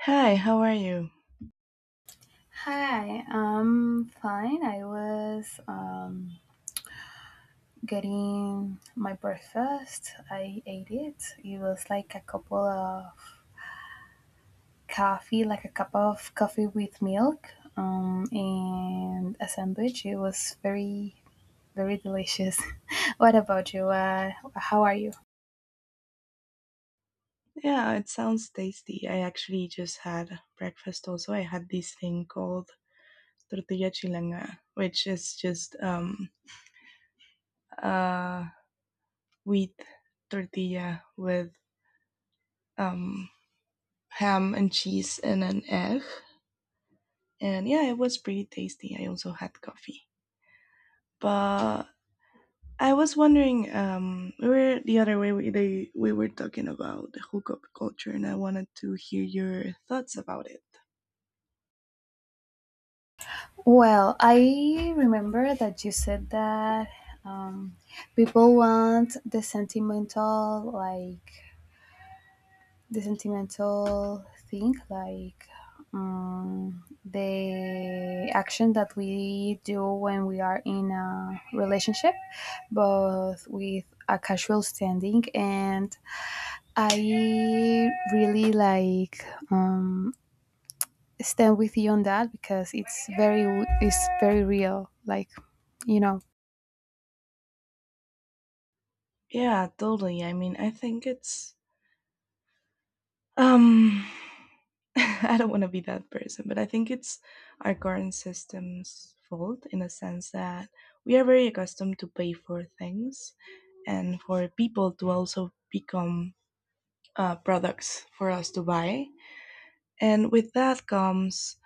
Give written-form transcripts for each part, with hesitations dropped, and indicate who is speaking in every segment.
Speaker 1: Hi, how are you?
Speaker 2: Hi, I'm fine. I was getting my breakfast. I ate it. It was like a couple of coffee, like a cup of coffee with milk, and a sandwich. It was very, very delicious. What about you? How are you?
Speaker 1: Yeah, it sounds tasty. I actually just had breakfast also. I had this thing called tortilla chilanga, which is just uh wheat tortilla with um ham and cheese and an egg. And yeah, it was pretty tasty. I also had coffee. But I was wondering, we were the other way we they, we were talking about the hookup culture, and I wanted to hear your thoughts about it.
Speaker 2: Well, I remember that you said that um, people want the sentimental, like the sentimental thing, like the action that we do when we are in a relationship both with a casual standing, and I really like, um, stand with you on that because it's very real, like you know
Speaker 1: Yeah, totally. I mean, I think it's Um, I don't want to be that person, but I think it's our current system's fault in a sense that we are very accustomed to pay for things and for people to also become products for us to buy. And with that comes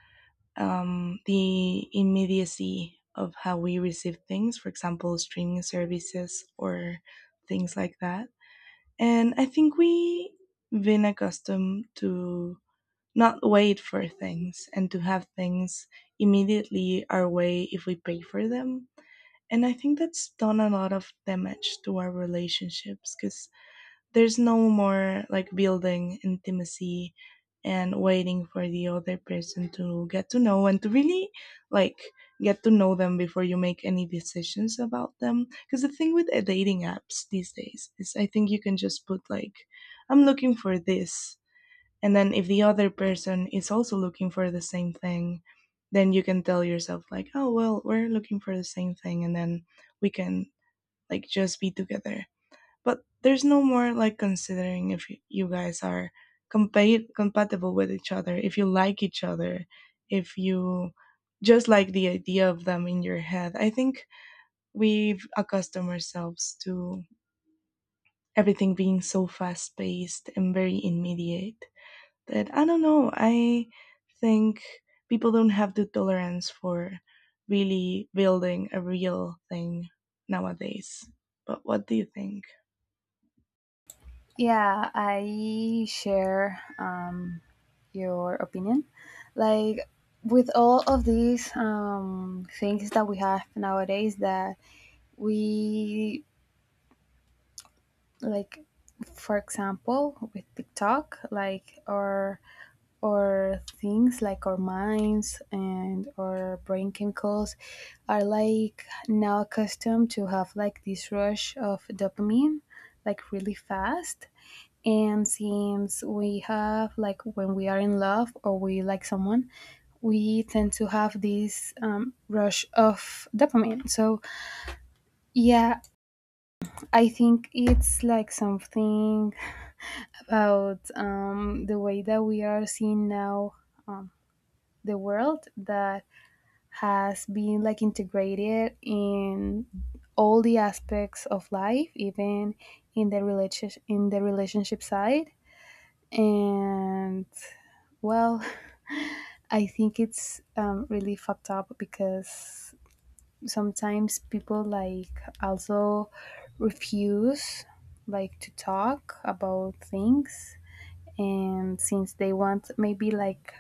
Speaker 1: the immediacy of how we receive things, for example, streaming services or things like that. And I think we have been accustomed to not wait for things and to have things immediately our way if we pay for them. And I think that's done a lot of damage to our relationships because there's no more like building intimacy and waiting for the other person to get to know and to really like get to know them before you make any decisions about them because the thing with dating apps these days is I think you can just put like, "I'm looking for this," and then if the other person is also looking for the same thing, then you can tell yourself like, "Oh, well, we're looking for the same thing and then we can like just be together." But there's no more like considering if you guys are compatible with each other, if you like each other, if you just like the idea of them in your head. I think we've accustomed ourselves to everything being so fast paced and very immediate that I don't know. I think people don't have the tolerance for really building a real thing nowadays. But what do you think?
Speaker 2: Yeah, I share your opinion. Like, with all of these things that we have nowadays, that we, like, for example, with TikTok, like, or things, like, our minds and our brain chemicals are like now accustomed to have like this rush of dopamine, like really fast. And since we have, like, when we are in love or we like someone, we tend to have this rush of dopamine. So, yeah, I think it's like something about the way that we are seeing now um, the world, that has been like integrated in all the aspects of life, even in the relationship side. And, well, I think it's really fucked up, because sometimes people like also refuse like to talk about things. And since they want maybe like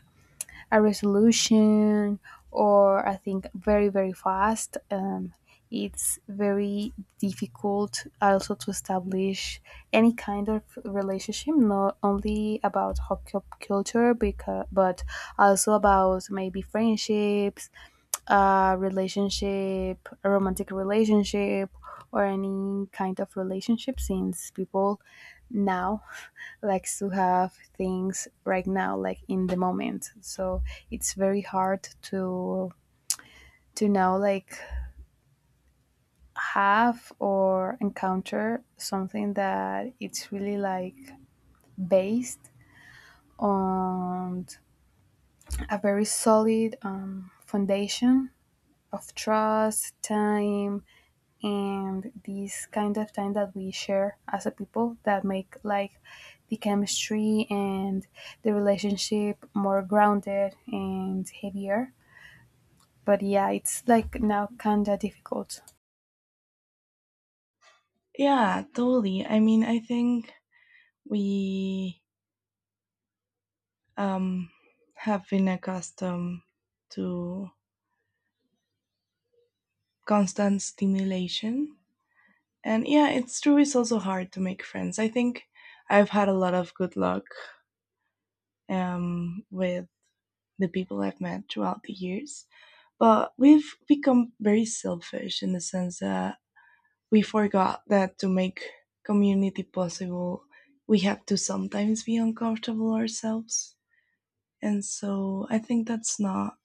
Speaker 2: a resolution, or I think, very very fast. It's very difficult also to establish any kind of relationship, not only about culture, because, but also about maybe friendships, relationship, a romantic relationship, or any kind of relationship, since people now likes to have things right now, like in the moment, so it's very hard to now, like, have or encounter something that it's really like based on a very solid foundation of trust, time, and these kind of time that we share as a people that make like the chemistry and the relationship more grounded and heavier. But yeah, it's like now kind of difficult.
Speaker 1: Yeah, totally. I mean, I think we um, have been accustomed to constant stimulation. And yeah, it's true, it's also hard to make friends. I think I've had a lot of good luck with the people I've met throughout the years. But we've become very selfish in the sense that we forgot that to make community possible, we have to sometimes be uncomfortable ourselves. And so I think that's not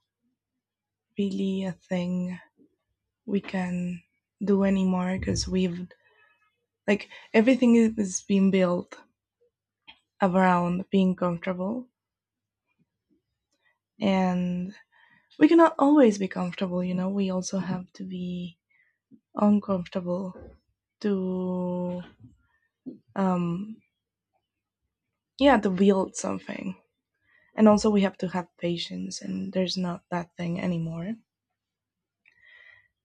Speaker 1: really a thing we can do anymore because we've, like, everything being built around being comfortable. And we cannot always be comfortable, you know, we also have to be uncomfortable to um yeah to build something, and also we have to have patience and there's not that thing anymore.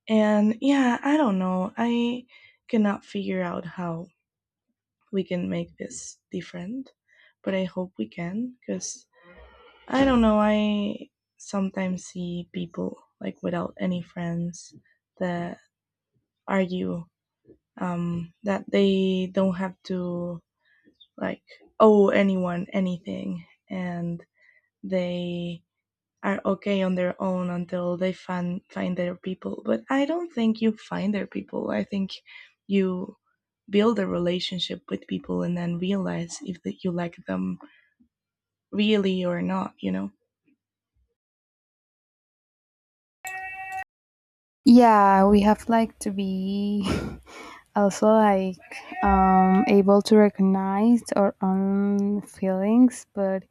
Speaker 1: And yeah, I don't know, I cannot figure out how we can make this different, but I hope we can, because I don't know, I sometimes see people like without any friends that argue that they don't have to like owe anyone anything, and they are okay on their own until they find their people. But I don't think you find their people, I think you build a relationship with people and then realize if that you like them really or not, you know.
Speaker 2: Yeah, we have like to be also like able to recognize our own feelings, but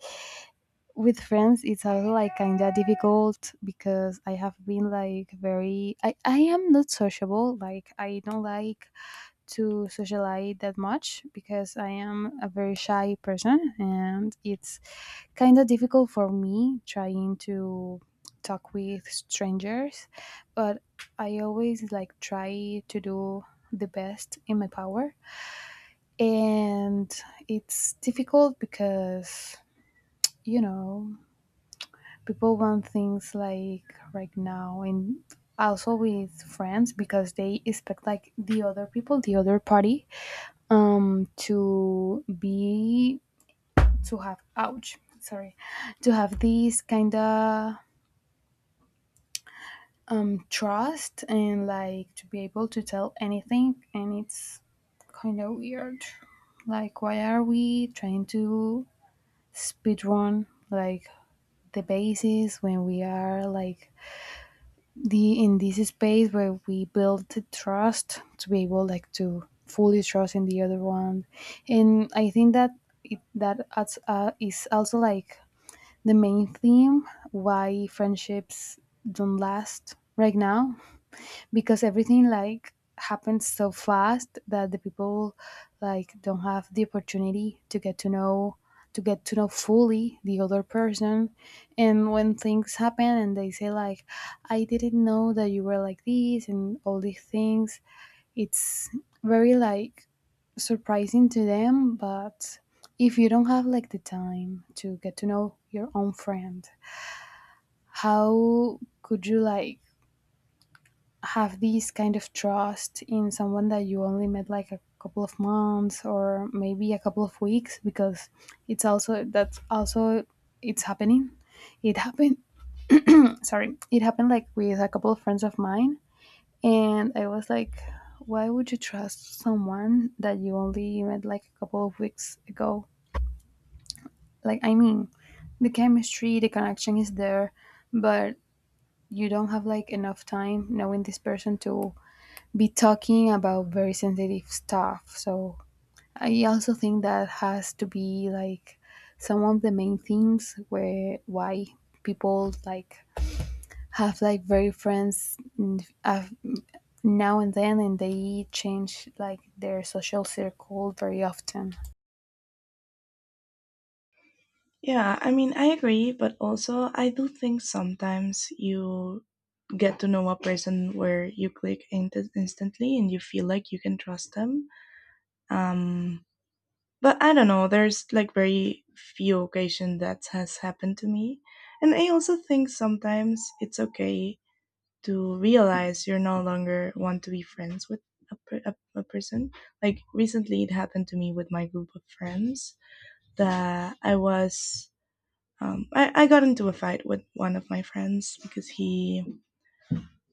Speaker 2: with friends it's also like kind of difficult, because I have been like very, I am not sociable, like I don't like to socialize that much, because I am a very shy person, and it's kind of difficult for me trying to talk with strangers. But I always like try to do the best in my power. And it's difficult because, you know people want things like right now. And also with friends, because they expect like the other party to be, to have, ouch, sorry, to have this kind of trust, and like to be able to tell anything. And it's kind of weird, like, why are we trying to speed run, like, the basis when we are like the in this space where we build trust to be able like to fully trust in the other one. And I think that, that adds, is also like the main theme why friendships don't last right now, because everything like happens so fast that the people like don't have the opportunity to get to know fully the other person. And when things happen and they say like, I didn't know that you were like this and all these things, it's very like surprising to them. But if you don't have like the time to get to know your own friend, how could you like have this kind of trust in someone that you only met like a couple of months or maybe a couple of weeks, because it's also, that's also it's happening it happened sorry, it happened like with a couple of friends of mine. And I was like, why would you trust someone that you only met like a couple of weeks ago? Like, I mean, the chemistry, the connection is there, but you don't have like enough time knowing this person to be talking about very sensitive stuff. So I also think that has to be like some of the main themes where why people like have like very friends, now and then, and they change like their social circle very often.
Speaker 1: Yeah, I mean, I agree, but also I do think sometimes you get to know a person where you click instantly and you feel like you can trust them. Um, but I don't know, there's like very few occasion that has happened to me. And I also think sometimes it's okay to realize you're no longer want to be friends with a person. Like recently it happened to me with my group of friends that I was I got into a fight with one of my friends because he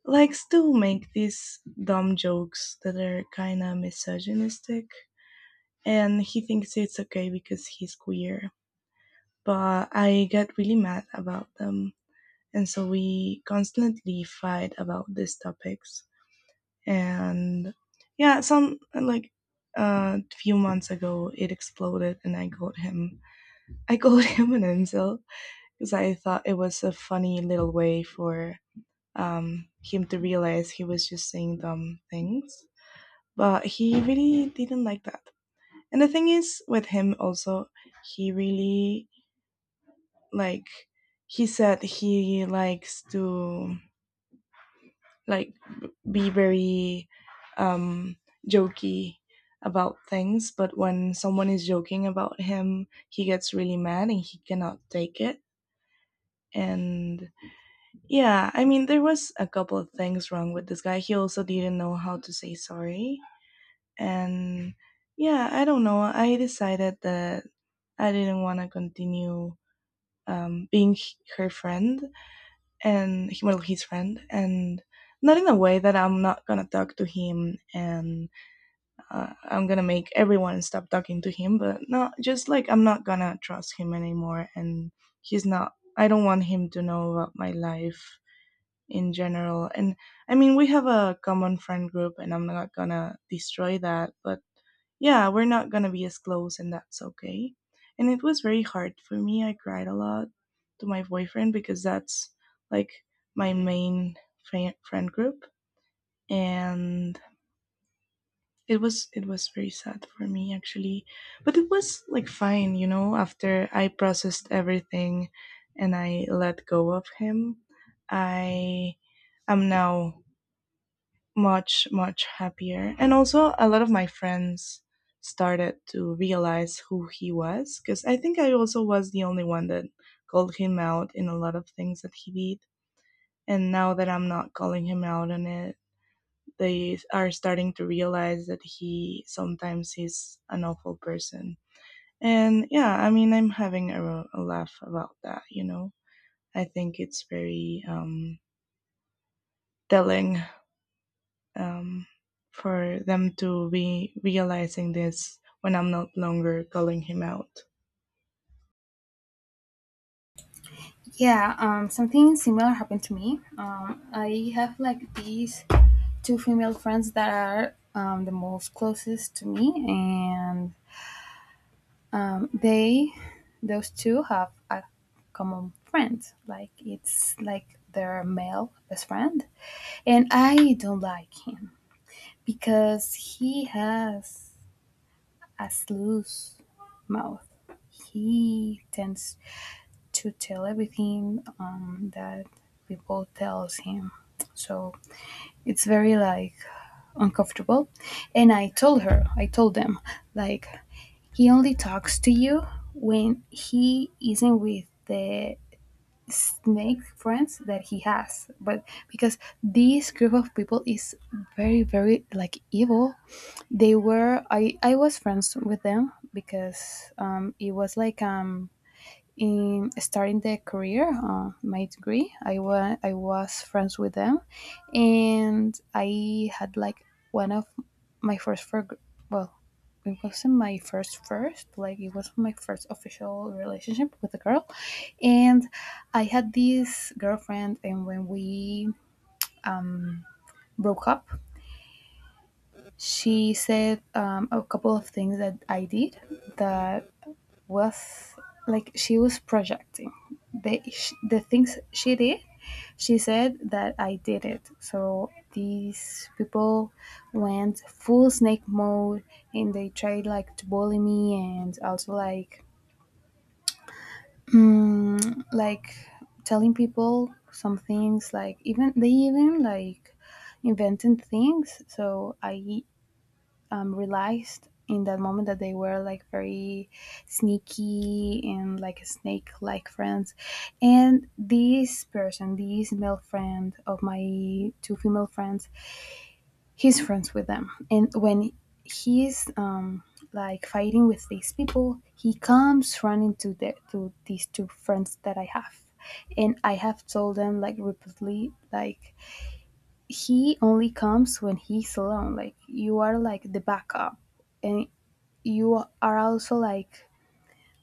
Speaker 1: likes to make these dumb jokes that are kind of misogynistic, and he thinks it's okay because he's queer. But I get really mad about them, and so we constantly fight about these topics. And yeah, some like a few months ago, it exploded, and I called him. I called him an incel because I thought it was a funny little way for him to realize he was just saying dumb things. But he really didn't like that. And the thing is, with him also, he really like he said he likes to like be very um, jokey about things. But when someone is joking about him, he gets really mad and he cannot take it. And yeah, I mean, there was a couple of things wrong with this guy. He also didn't know how to say sorry. And yeah, I don't know, I decided that I didn't want to continue her friend, and well, his friend. And not in a way that I'm not gonna talk to him and I'm gonna make everyone stop talking to him, but no, just like I'm not gonna trust him anymore, and he's not, I don't want him to know about my life in general. And I mean, we have a common friend group and I'm not gonna destroy that, but yeah, we're not gonna be as close, and that's okay. And it was very hard for me. I cried a lot to my boyfriend because that's like my main friend group, and it was very sad for me actually. But it was like fine, you know. After I processed everything, and I let go of him, I am now much happier, and also a lot of my friends started to realize who he was, because I think I also was the only one that called him out in a lot of things that he did, and now that I'm not calling him out on it, they are starting to realize that he sometimes is an awful person. And yeah, I mean, I'm having a laugh about that, you know. I think it's very telling, um, for them to be realizing this when I'm not longer calling him out.
Speaker 2: Yeah, something similar happened to me. I have like these two female friends that are, the most closest to me. And they those two have a common friend, like, it's like their male best friend, and I don't like him because he has a loose mouth. He tends to tell everything, that people tells him, so it's very like uncomfortable. And I told them, like, he only talks to you when he isn't with the snake friends that he has. But because this group of people is very, very, like, evil. They were I was friends with them because it was like, in starting the career, my degree. I was friends with them, and I had like one of my first, for, well, it wasn't my first first, like, it was my first official relationship with a girl. And I had this girlfriend, and when we broke up, she said a couple of things that I did, that was like she was projecting the things she did, she said that I did it, so these people went full snake mode. And they tried like to bully me, and also like like telling people some things, like, even they even like inventing things. So I, realized in that moment that they were like very sneaky and like snake like friends. And this person, this male friend of my two female friends, he's friends with them. And when he's like fighting with these people, he comes running to these two friends that I have. And I have told them, like, repeatedly, like, he only comes when he's alone, like, you are like the backup. And you are also like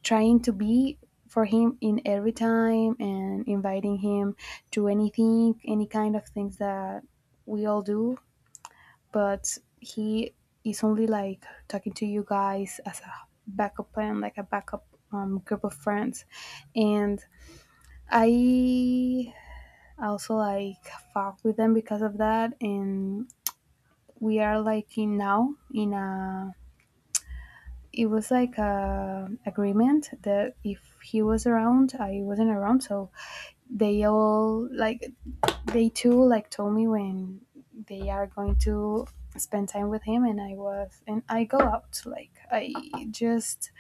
Speaker 2: trying to be for him in every time, and inviting him to anything, any kind of things that we all do, but he is only like talking to you guys as a backup plan, like a backup, group of friends. And I also like fuck with them because of that. And we are like in now, in a, it was like a agreement that if he was around, I wasn't around. So they all like, they too like told me when they are going to spend time with him, and I was and I go out, like, I just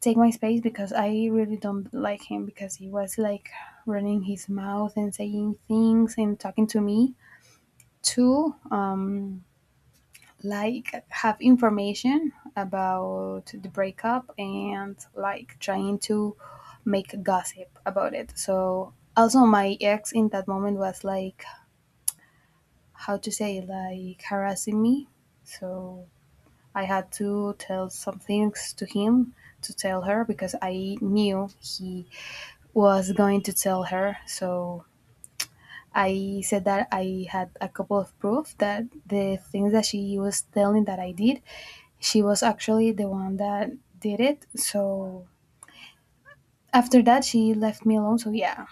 Speaker 2: take my space, because I really don't like him, because he was like running his mouth and saying things, and talking to me too. Like, have information about the breakup, and like trying to make gossip about it. So also my ex in that moment was like, how to say, like, harassing me. So I had to tell some things to him to tell her, because I knew he was going to tell her. So I said that I had a couple of proof, that the things that she was telling that I did, she was actually the one that did it. So after that, she left me alone. So yeah,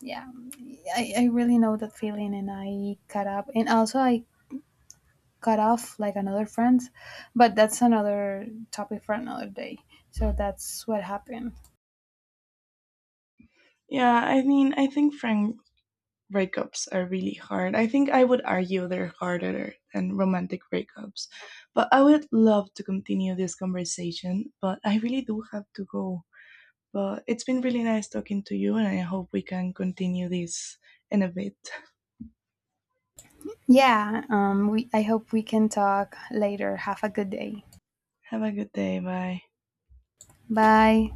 Speaker 2: yeah, I really know that feeling, and I cut up, and also I cut off like another friend, but that's another topic for another day. So that's what happened.
Speaker 1: Yeah, I mean, I think frank breakups are really hard. I think I would argue they're harder than romantic breakups. But I would love to continue this conversation, but I really do have to go. But it's been really nice talking to you, and I hope we can continue this in a bit.
Speaker 2: Yeah, we I hope we can talk later. Have a good day.
Speaker 1: Have a good day. Bye.
Speaker 2: Bye.